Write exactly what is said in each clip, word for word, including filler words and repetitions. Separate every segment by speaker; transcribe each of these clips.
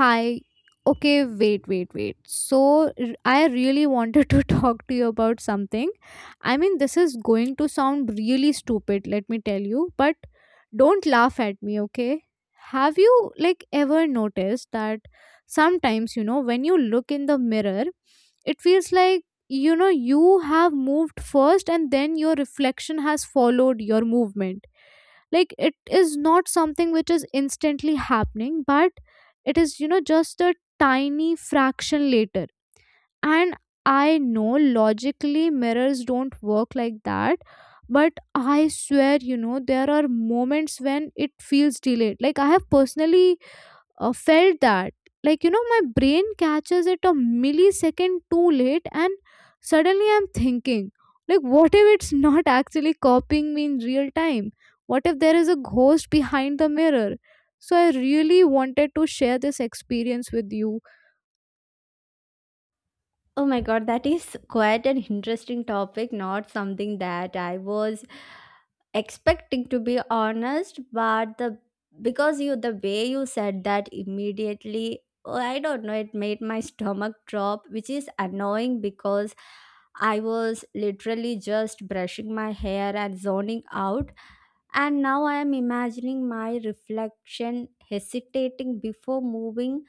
Speaker 1: Hi. Okay, wait, wait, wait. So, r- I really wanted to talk to you about something. I mean, this is going to sound really stupid, let me tell you, but don't laugh at me, okay? Have you, like, ever noticed that sometimes, you know, when you look in the mirror, it feels like, you know, you have moved first and then your reflection has followed your movement? Like, it is not something which is instantly happening, but it is, you know just a tiny fraction later. And I know, logically, mirrors don't work like that. But I swear, you know there are moments when it feels delayed. Like, I have personally uh, felt that. Like, you know my brain catches it a millisecond too late, and suddenly I'm thinking, like, what if it's not actually copying me in real time? What if there is a ghost behind the mirror? So I really wanted to share this experience with you.
Speaker 2: Oh my god, that is quite an interesting topic, not something that I was expecting to be honest, but the because you the way you said that immediately, oh, I don't know, it made my stomach drop, which is annoying because I was literally just brushing my hair and zoning out. And now I am imagining my reflection hesitating before moving,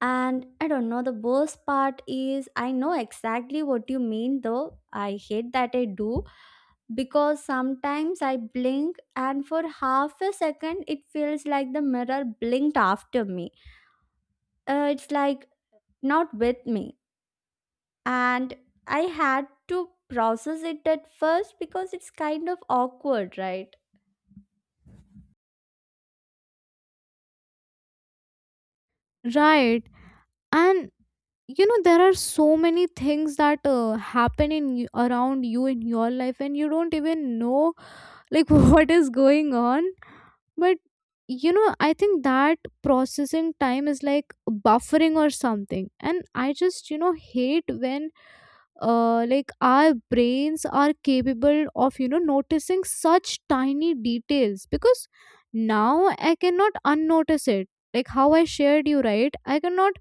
Speaker 2: and I don't know, the worst part is I know exactly what you mean though. I hate that I do because sometimes I blink and for half a second it feels like the mirror blinked after me. Uh, it's like not with me. And I had to process it at first because it's kind of awkward, right?
Speaker 1: Right. And you know there are so many things that uh, happen in y- around you in your life, and you don't even know, like, what is going on. But you know, I think that processing time is like buffering or something. And I just, you know, hate when uh like our brains are capable of, you know, noticing such tiny details, because now I cannot unnotice it. Like how I shared you, right? I cannot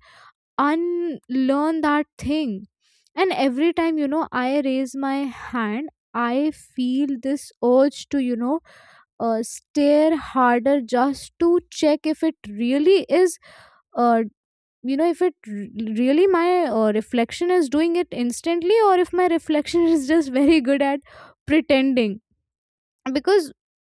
Speaker 1: unlearn that thing. And every time, you know, I raise my hand, I feel this urge to, you know, uh, stare harder, just to check if it really is, uh, you know, if it r- really my uh, reflection is doing it instantly, or if my reflection is just very good at pretending. Because,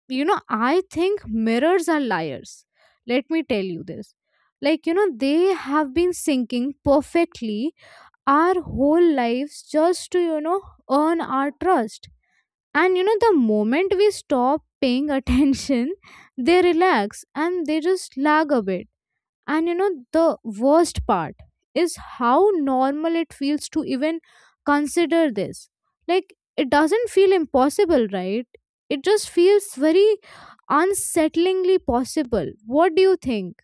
Speaker 1: you know, I think mirrors are liars. Let me tell you this. Like, you know, they have been syncing perfectly our whole lives just to you know earn our trust. And you know the moment we stop paying attention, they relax and they just lag a bit. And you know the worst part is how normal it feels to even consider this. Like, it doesn't feel impossible, right? It just feels very unsettlingly possible. What do you think?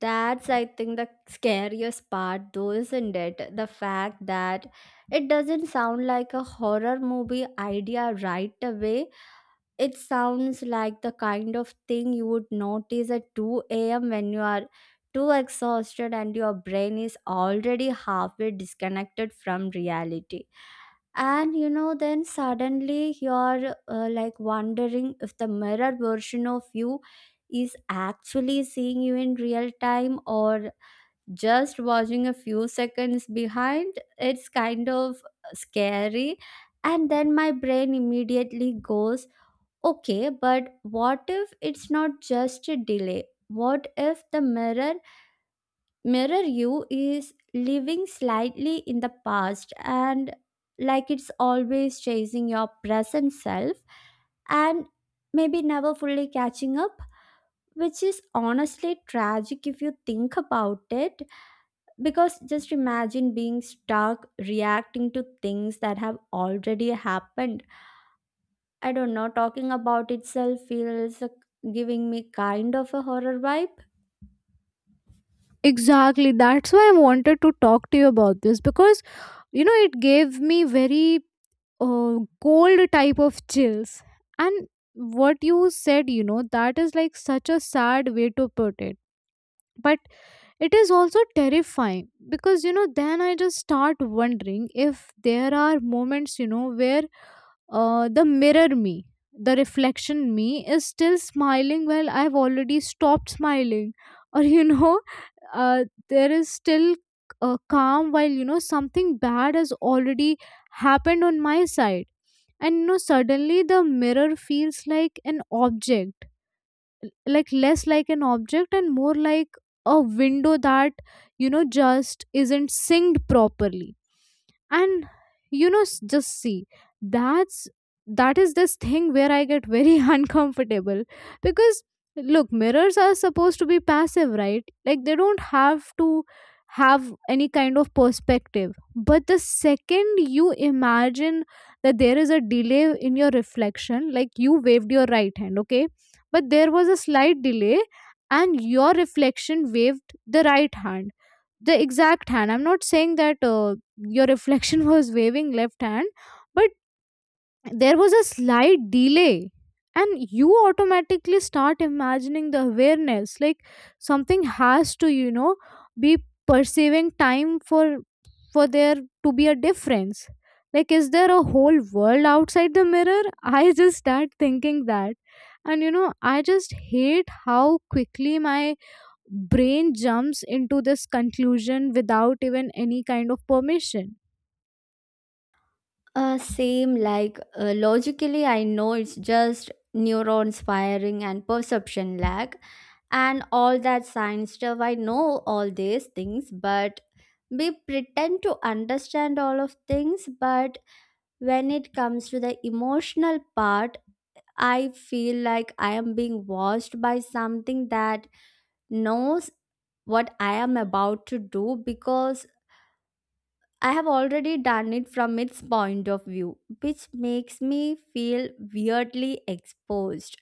Speaker 2: That's, I think, the scariest part, though, isn't it? The fact that it doesn't sound like a horror movie idea right away. It sounds like the kind of thing you would notice at two a m when you are too exhausted and your brain is already halfway disconnected from reality, and you know, then suddenly you're uh, like wondering if the mirror version of you is actually seeing you in real time or just watching a few seconds behind. It's kind of scary. And then my brain immediately goes, okay, but what if it's not just a delay? What if the mirror Mirror You is living slightly in the past, and like it's always chasing your present self and maybe never fully catching up, which is honestly tragic if you think about it. Because just imagine being stuck reacting to things that have already happened. I don't know, talking about itself feels, uh, giving me kind of a horror vibe.
Speaker 1: Exactly. That's why I wanted to talk to you about this, because you know it gave me very uh, cold type of chills. And what you said, you know that is like such a sad way to put it. But it is also terrifying, because you know then I just start wondering if there are moments, you know where uh, the mirror me, the reflection me, is still smiling while I've already stopped smiling, or you know, uh, there is still uh, calm while you know something bad has already happened on my side. And you know, suddenly the mirror feels like an object l- like less like an object and more like a window that you know just isn't synced properly. And you know s- just see, that's that is this thing where I get very uncomfortable. Because, look, mirrors are supposed to be passive, right? Like, they don't have to have any kind of perspective. But the second you imagine that there is a delay in your reflection, like, you waved your right hand, okay, but there was a slight delay, and your reflection waved the right hand, the exact hand. I'm not saying that uh, your reflection was waving left hand, but there was a slight delay. And you automatically start imagining the awareness, like, something has to, you know, be perceiving time for for there to be a difference. Like, is there a whole world outside the mirror? I just start thinking that. And you know I just hate how quickly my brain jumps into this conclusion without even any kind of permission.
Speaker 2: Uh, same, like uh, logically, I know it's just neurons firing and perception lag and all that science stuff. I know all these things, but we pretend to understand all of things. But when it comes to the emotional part, I feel like I am being watched by something that knows what I am about to do because I have already done it from its point of view, which makes me feel weirdly exposed.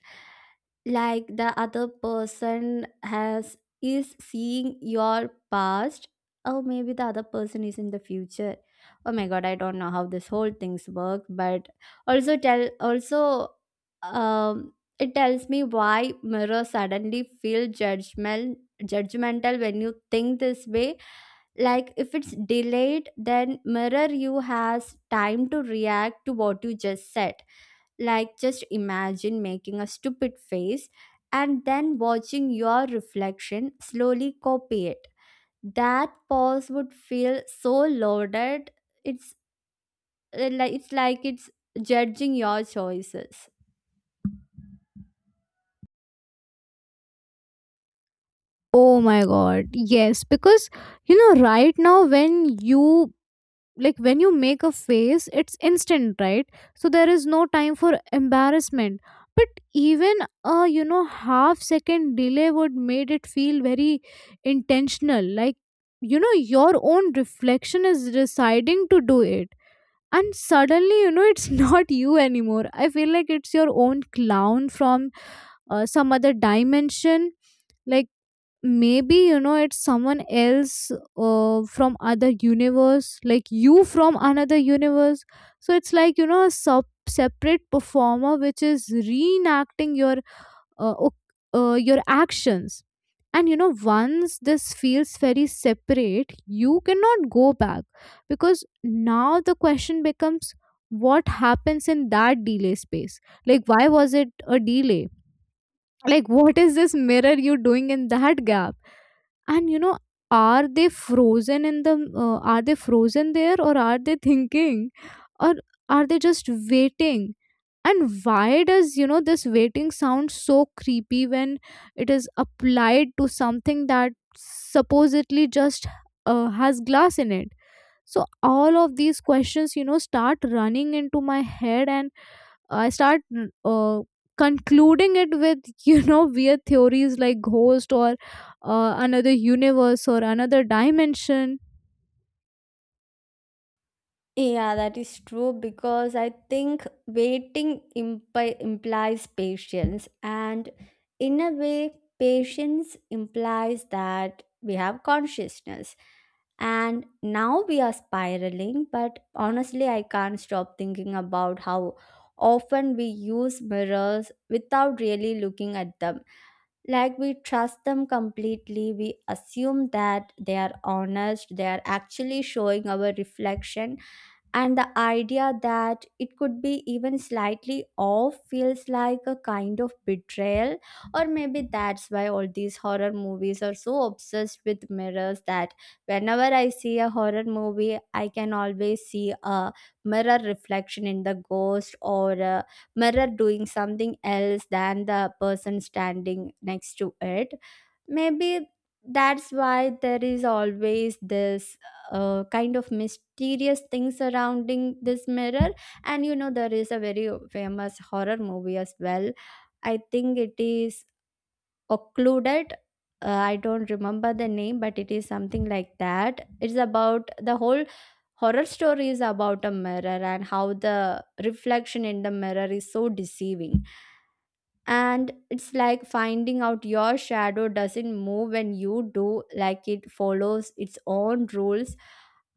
Speaker 2: Like the other person has is seeing your past, or maybe the other person is in the future. Oh my god, I don't know how this whole things work, but also tell also um it tells me why mirror suddenly feel judgment judgmental when you think this way. Like if it's delayed then mirror you has time to react to what you just said. Like just imagine making a stupid face and then watching your reflection slowly copy it. That pause would feel so loaded. It's uh, like it's like it's judging your choices.
Speaker 1: Oh my god, yes. Because you know right now, when you, like when you make a face, it's instant, right? So there is no time for embarrassment. But even a, you know half second delay would made it feel very intentional. Like, you know your own reflection is deciding to do it. And suddenly, you know it's not you anymore. I feel like it's your own clown from uh, some other dimension. Like, maybe, you know it's someone else, uh, from other universe, like you from another universe. So it's like, you know a sub- separate performer which is reenacting your uh, oc- uh, your actions. And you know once this feels very separate, you cannot go back, because now the question becomes, what happens in that delay space? Like, why was it a delay? Like, what is this mirror you doing in that gap? And, you know, are they frozen in the uh, are they frozen there, or are they thinking, or are they just waiting? And why does, you know this waiting sound so creepy when it is applied to something that supposedly just uh, has glass in it? So all of these questions, you know start running into my head, and I start, uh, concluding it with you know weird theories, like ghost, or uh, another universe, or another dimension.
Speaker 2: Yeah, that is true because I think waiting impi- implies patience, and in a way, patience implies that we have consciousness. And now we are spiraling, but honestly, I can't stop thinking about how often we use mirrors without really looking at them. Like we trust them completely, we assume that they are honest, they are actually showing our reflection, and the idea that it could be even slightly off feels like a kind of betrayal. Or maybe that's why all these horror movies are so obsessed with mirrors, that whenever I see a horror movie I can always see a mirror reflection in the ghost, or a mirror doing something else than the person standing next to it. Maybe that's why there is always this uh, kind of mysterious thing surrounding this mirror. And you know, there is a very famous horror movie as well. I think it is Occluded. Uh, I don't remember the name, but it is something like that. It's about the whole horror story is about a mirror and how the reflection in the mirror is so deceiving. And it's like finding out your shadow doesn't move when you do, like it follows its own rules.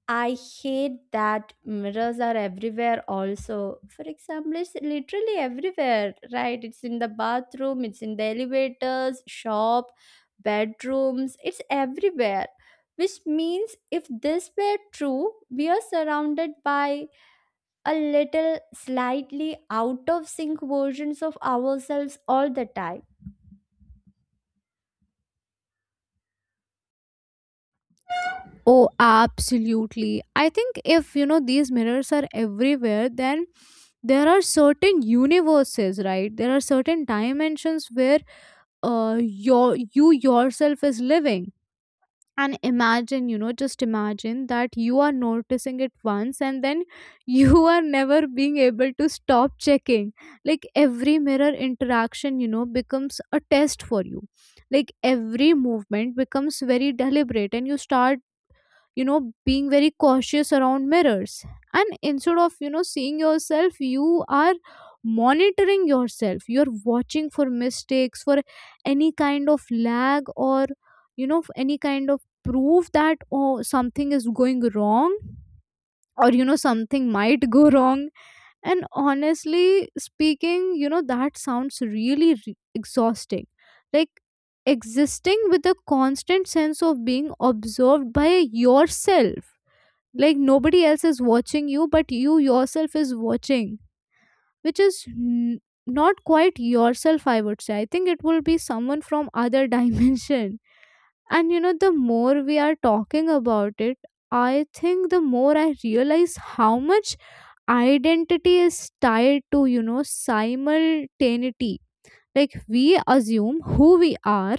Speaker 2: I hate that mirrors are everywhere, also for example, it's literally everywhere, right? It's in the bathroom, it's in the elevators, shop, bedrooms, it's everywhere. Which means if this were true we are surrounded by a little slightly out of sync versions of ourselves all the time.
Speaker 1: Oh, absolutely. I think if, you know these mirrors are everywhere, then there are certain universes, right? There are certain dimensions where uh, your you yourself is living. And imagine, you know just imagine that you are noticing it once, and then you are never being able to stop checking. Like, every mirror interaction, you know becomes a test for you. Like, every movement becomes very deliberate, and you start, you know being very cautious around mirrors. And instead of, you know seeing yourself, you are monitoring yourself, you're watching for mistakes, for any kind of lag, or, you know any kind of proof that, oh, something is going wrong, or, you know something might go wrong. And honestly speaking, you know that sounds really re- exhausting. Like, existing with a constant sense of being observed by yourself. Like, nobody else is watching you, but you yourself is watching, which is n- not quite yourself, I would say. I think it will be someone from other dimension. And, you know the more we are talking about it, I think the more I realize how much identity is tied to, you know simultaneity. Like, we assume who we are,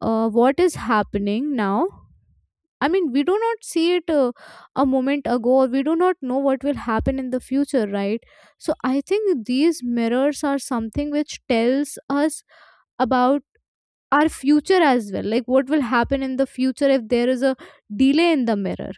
Speaker 1: uh, what is happening now. I mean, we do not see it, uh, a moment ago, or we do not know what will happen in the future, right? So I think these mirrors are something which tells us about our future as well, like, what will happen in the future if there is a delay in the mirror.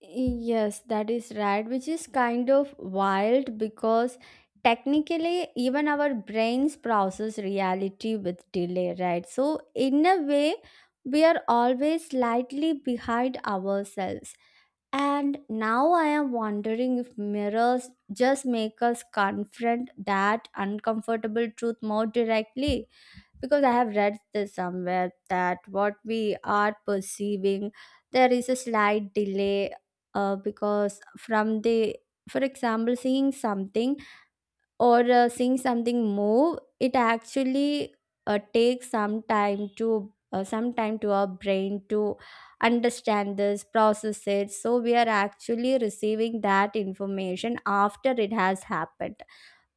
Speaker 2: Yes, that is right, which is kind of wild because technically, even our brains process reality with delay, right? So, in a way, we are always slightly behind ourselves. And now I am wondering if mirrors just make us confront that uncomfortable truth more directly, because I have read this somewhere that what we are perceiving there is a slight delay, uh, because from the for example seeing something or uh, seeing something move. It actually uh, takes some time to uh, some time to our brain to understand this process, it, so we are actually receiving that information after it has happened.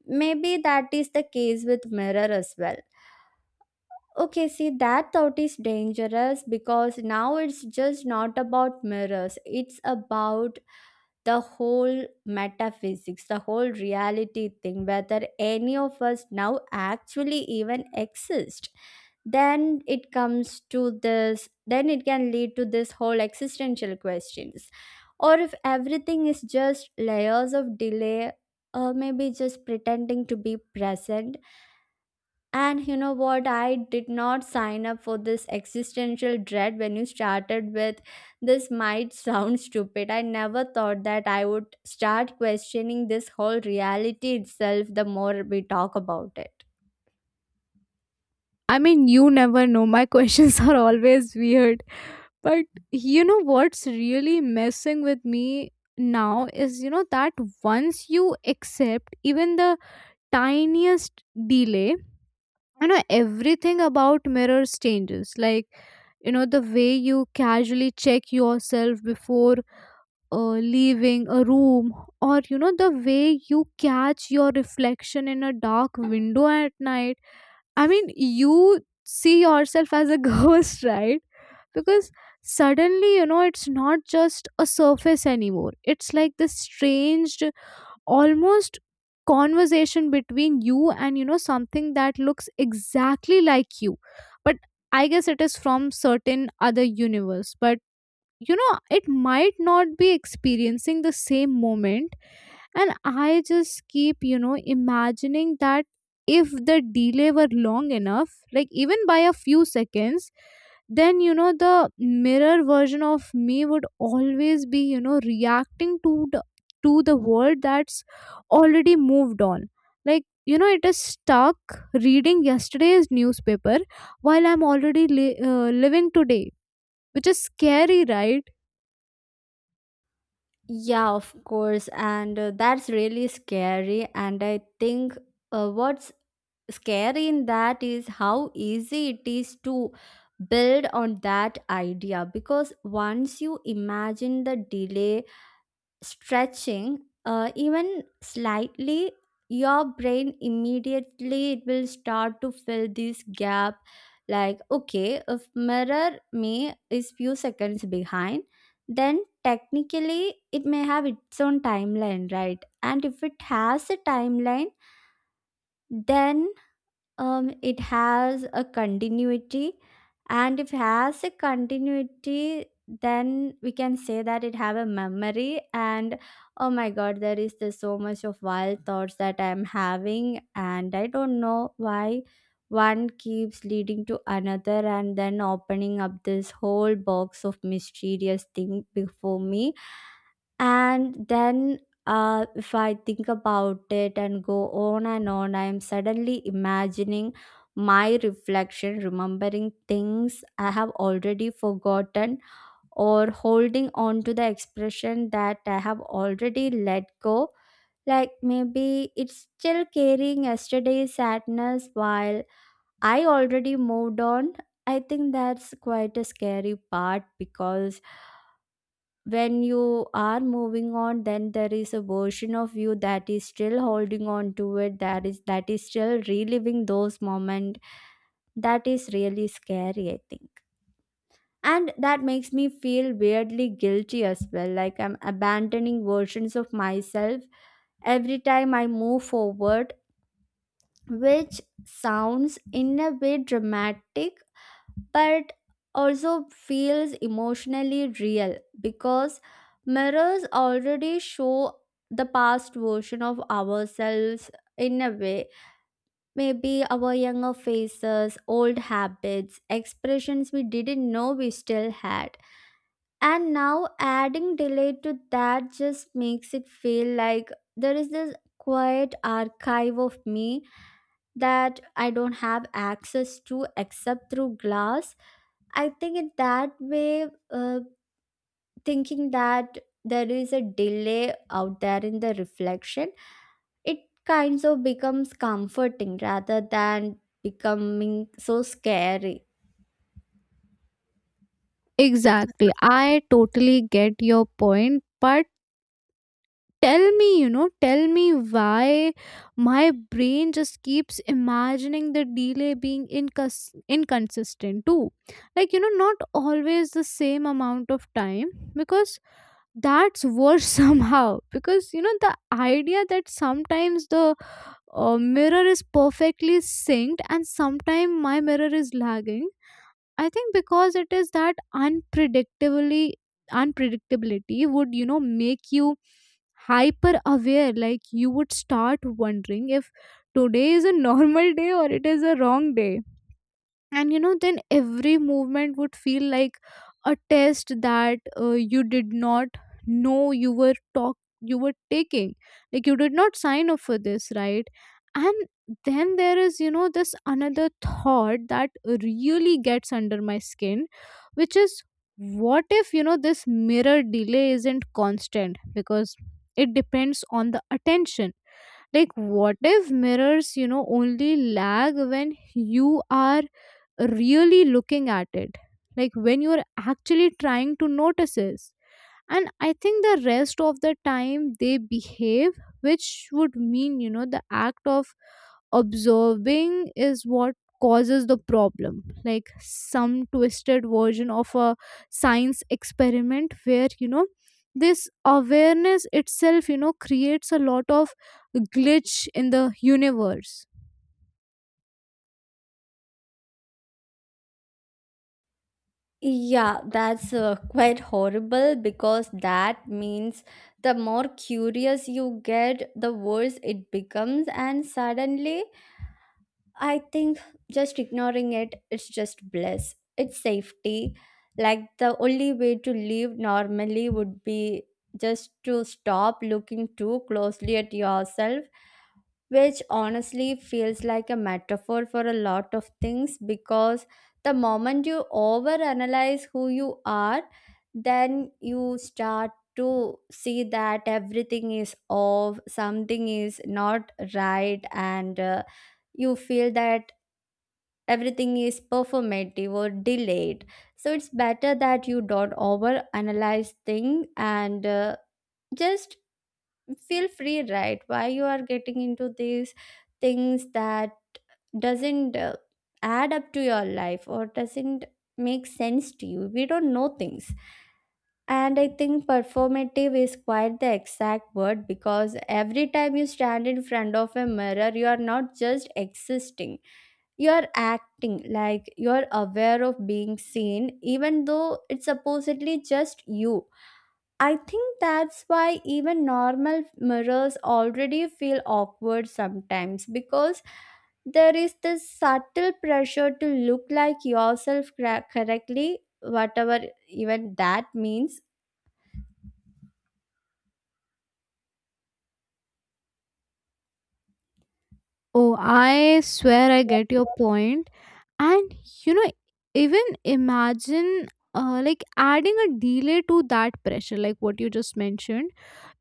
Speaker 2: Maybe that is the case with mirror as well. Okay, see, that thought is dangerous because now it's just not about mirrors. It's about the whole metaphysics, the whole reality thing, whether any of us now actually even exist. Then it comes to this, then it can lead to this whole existential questions. Or if everything is just layers of delay, or maybe just pretending to be present. And you know what? I did not sign up for this existential dread when you started with, this might sound stupid. I never thought that I would start questioning this whole reality itself the more we talk about it.
Speaker 1: I mean, you never know. My questions are always weird. But, you know what's really messing with me now is, you know, that once you accept even the tiniest delay, you know everything about mirrors changes. Like, you know the way you casually check yourself before uh, leaving a room, or, you know the way you catch your reflection in a dark window at night. I mean, you see yourself as a ghost, right? Because suddenly, you know it's not just a surface anymore. It's like this strange, almost, conversation between you and, you know something that looks exactly like you. But I guess it is from certain other universe. But, you know it might not be experiencing the same moment. And I just keep, you know, imagining that if the delay were long enough, like, even by a few seconds, then, you know, the mirror version of me would always be, you know, reacting to the, to the world that's already moved on. Like, you know, it is stuck reading yesterday's newspaper while I'm already li- uh, living today, which is scary, right?
Speaker 2: Yeah, of course. And uh, that's really scary. And I think uh, what's scary in that is how easy it is to build on that idea because once you imagine the delay stretching uh, even slightly, your brain immediately it will start to fill this gap. Like, okay, if mirror me is few seconds behind, then technically it may have its own timeline, right? And if it has a timeline then um, it has a continuity. And if has a continuity then we can say that it have a memory. And oh my god, there is this so much of wild thoughts that I'm having and I don't know why one keeps leading to another and then opening up this whole box of mysterious thing before me. And then uh, if I think about it and go on and on, I am suddenly imagining my reflection, remembering things I have already forgotten, or holding on to the expression that I have already let go. Like maybe it's still carrying yesterday's sadness while I already moved on. I think that's quite a scary part because when you are moving on then there is a version of you that is still holding on to it, that is, that is still reliving those moments. That is really scary, I think. And that makes me feel weirdly guilty as well, like I'm abandoning versions of myself every time I move forward, which sounds in a way dramatic, but also feels emotionally real because mirrors already show the past version of ourselves in a way. Maybe our younger faces, old habits, expressions we didn't know we still had. And now adding delay to that just makes it feel like there is this quiet archive of me that I don't have access to except through glass. I think in that way, uh, thinking that there is a delay out there in the reflection, it kinds of becomes comforting rather than becoming so scary.
Speaker 1: Exactly. I totally get your point, but tell me, you know, tell me why my brain just keeps imagining the delay being incons- inconsistent too. Like, you know, not always the same amount of time, because that's worse somehow. Because, you know, the idea that sometimes the uh, mirror is perfectly synced and sometimes my mirror is lagging. I think because it is that unpredictably unpredictability would, you know, make you hyper aware. Like you would start wondering if today is a normal day or it is a wrong day, and you know then every movement would feel like a test that uh, you did not know you were talk you were taking. Like you did not sign up for this, right? And then there is, you know, this another thought that really gets under my skin, which is, what if, you know, this mirror delay isn't constant because it depends on the attention? Like what if mirrors, you know, only lag when you are really looking at it, like when you're actually trying to notice it, and I think the rest of the time they behave, which would mean, you know, the act of observing is what causes the problem. Like some twisted version of a science experiment where, you know, this awareness itself, you know, creates a lot of glitch in the universe.
Speaker 2: Yeah, that's uh, quite horrible because that means the more curious you get, the worse it becomes, and suddenly I think just ignoring it, it's just bliss. It's safety. Like the only way to live normally would be just to stop looking too closely at yourself, which honestly feels like a metaphor for a lot of things because the moment you overanalyze who you are, then you start to see that everything is off, something is not right, and uh, you feel that everything is performative or delayed. So it's better that you don't over analyze thing and uh, just feel free, right? Why you are getting into these things that doesn't uh, add up to your life or doesn't make sense to you? We don't know things. And I think performative is quite the exact word because every time you stand in front of a mirror you are not just existing, you're acting like you're aware of being seen, even though it's supposedly just you. I think that's why even normal mirrors already feel awkward sometimes because there is this subtle pressure to look like yourself cra- correctly, whatever even that means.
Speaker 1: Oh, I swear I get your point. And you know, even imagine uh, like adding a delay to that pressure, like what you just mentioned,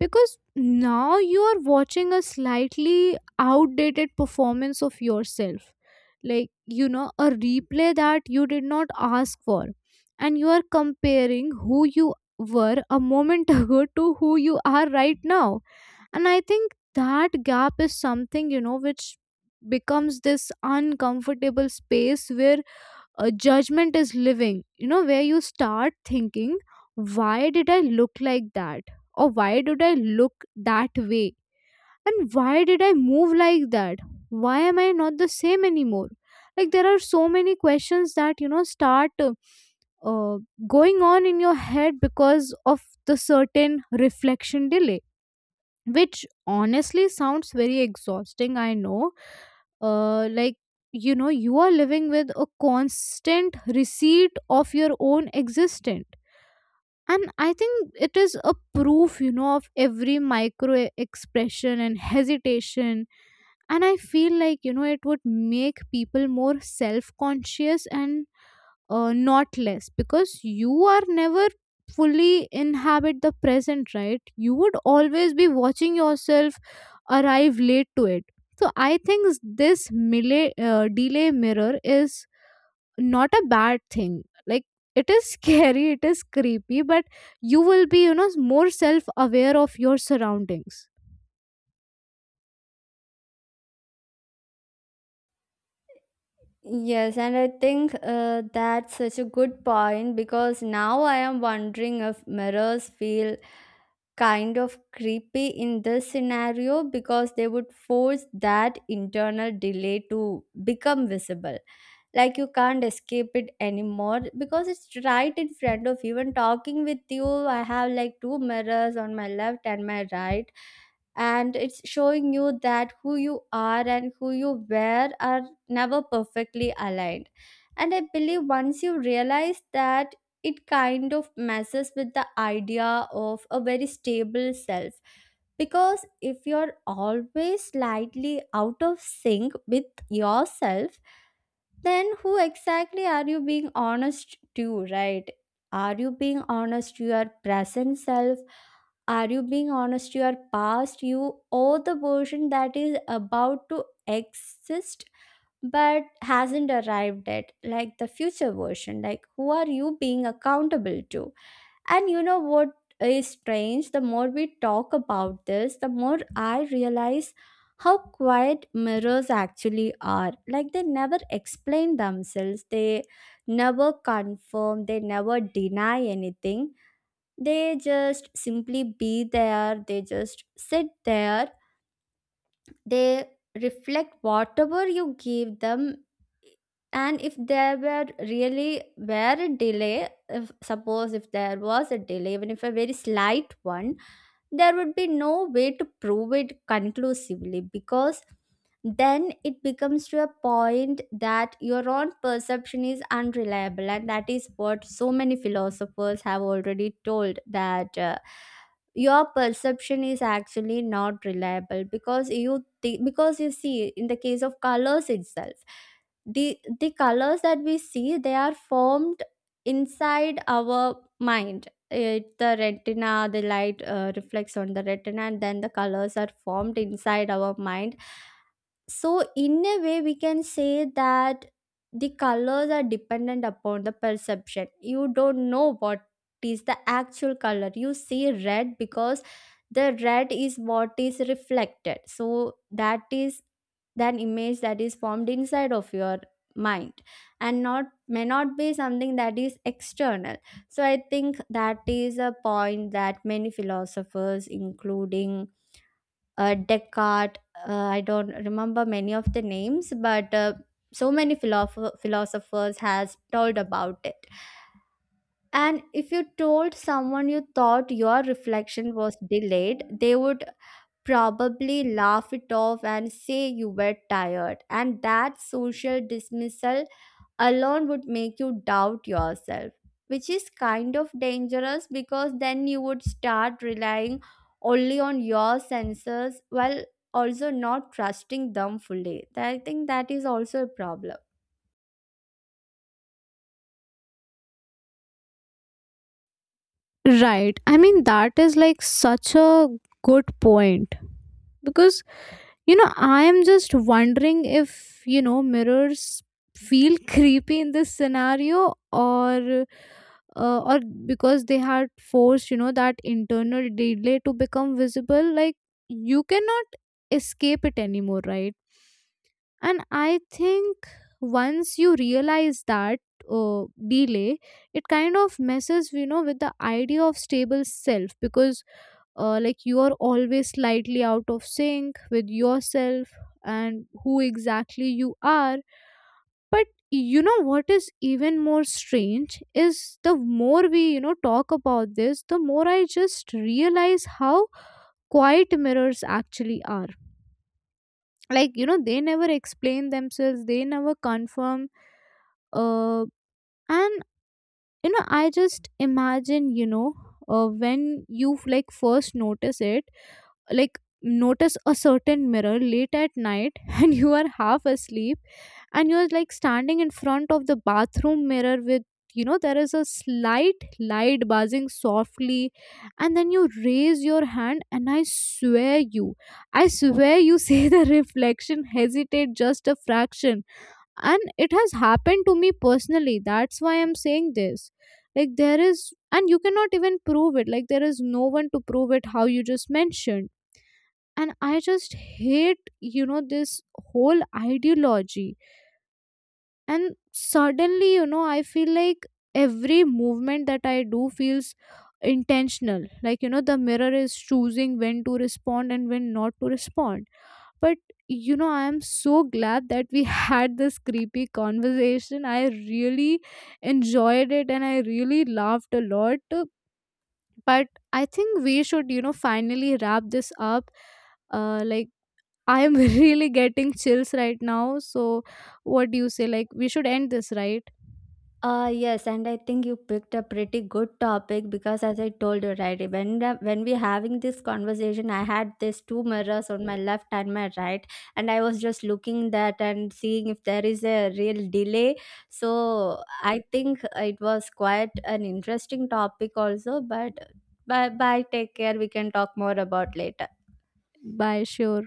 Speaker 1: because now you are watching a slightly outdated performance of yourself. Like, you know, a replay that you did not ask for. And you are comparing who you were a moment ago to who you are right now, and I think that gap is something, you know, which becomes this uncomfortable space where a judgment is living, you know, where you start thinking, why did I look like that, or why did I look that way, and why did I move like that, why am I not the same anymore? Like there are so many questions that, you know, start uh, uh, going on in your head because of the certain reflection delay, which honestly sounds very exhausting, I know. uh like, you know, you are living with a constant receipt of your own existence, and I think it is a proof, you know, of every micro e-, expression and hesitation. And I feel like, you know, it would make people more self conscious and uh, not less, because you are never fully inhabit the present, right? You would always be watching yourself arrive late to it. So I think this mila- uh, delay mirror is not a bad thing. Like it is scary, it is creepy, but you will be, you know, more self aware of your surroundings.
Speaker 2: Yes, and I think uh, that's such a good point because now I am wondering if mirrors feel kind of creepy in this scenario because they would force that internal delay to become visible, like you can't escape it anymore because it's right in front of you and talking with you. I have like two mirrors on my left and my right, and it's showing you that who you are and who you were are never perfectly aligned. And I believe once you realize that, it kind of messes with the idea of a very stable self, because if you're always slightly out of sync with yourself, then who exactly are you being honest to, right? Are you being honest to your present self? Are you being honest to your past you? Or the version that is about to exist but hasn't arrived yet, like the future version? Like who are you being accountable to? And you know what is strange? The more we talk about this, the more I realize how quiet mirrors actually are. Like they never explain themselves, they never confirm, they never deny anything. They just simply be there, they just sit there, they reflect whatever you give them. And if there were really were a delay if suppose if there was a delay, even if a very slight one, there would be no way to prove it conclusively because then it becomes to a point that your own perception is unreliable, and that is what so many philosophers have already told that, uh, your perception is actually not reliable, because you thi- because you see in the case of colors itself, the the colors that we see, they are formed inside our mind it, the retina, the light uh, reflects on the retina and then the colors are formed inside our mind. So, in a way, we can say that the colors are dependent upon the perception. You don't know what is the actual color. You see red because the red is what is reflected. So, that is an image that is formed inside of your mind and not may not be something that is external. So I think that is a point that many philosophers including uh, Descartes. Uh, I don't remember many of the names, but uh, so many philosoph- philosophers has told about it. And if you told someone you thought your reflection was delayed, they would probably laugh it off and say you were tired. And that social dismissal alone would make you doubt yourself, which is kind of dangerous because then you would start relying only on your senses while also not trusting them fully. I think that is also a problem.
Speaker 1: Right, I mean that is like such a good point, because, you know, I am just wondering if, you know, mirrors feel creepy in this scenario or uh, or because they had forced, you know, that internal delay to become visible. Like you cannot escape it anymore, right? And I think once you realize that uh, delay, it kind of messes, you know, with the idea of stable self, because uh, like you are always slightly out of sync with yourself, and who exactly you are. But you know what is even more strange is the more we, you know, talk about this, the more I just realize how quiet mirrors actually are. Like you know they never explain themselves, they never confirm. uh, and, you know, I just imagine, you know, uh, when you like first notice it, like notice a certain mirror late at night and you are half asleep, and you're like standing in front of the bathroom mirror with, you know, there is a slight light buzzing softly, and then you raise your hand and I swear you, i swear you see the reflection hesitate just a fraction. And it has happened to me personally, that's why I'm saying this. Like there is, and you cannot even prove it, like there is no one to prove it, how you just mentioned. And I just hate, you know, this whole ideology, and suddenly, you know, I feel like every movement that I do feels intentional. Like, you know, the mirror is choosing when to respond and when not to respond. But, you know, I am so glad that we had this creepy conversation. I really enjoyed it and I really laughed a lot. But I think we should, you know, finally wrap this up. uh, like I'm really getting chills right now. So, what do you say? Like, we should end this, right?
Speaker 2: Uh, yes, and I think you picked a pretty good topic because, as I told you, right, when the- when we having this conversation, I had these two mirrors on my left and my right, and I was just looking that and seeing if there is a real delay. So I think it was quite an interesting topic, also. But bye bye, take care. We can talk more about later.
Speaker 1: Bye, sure.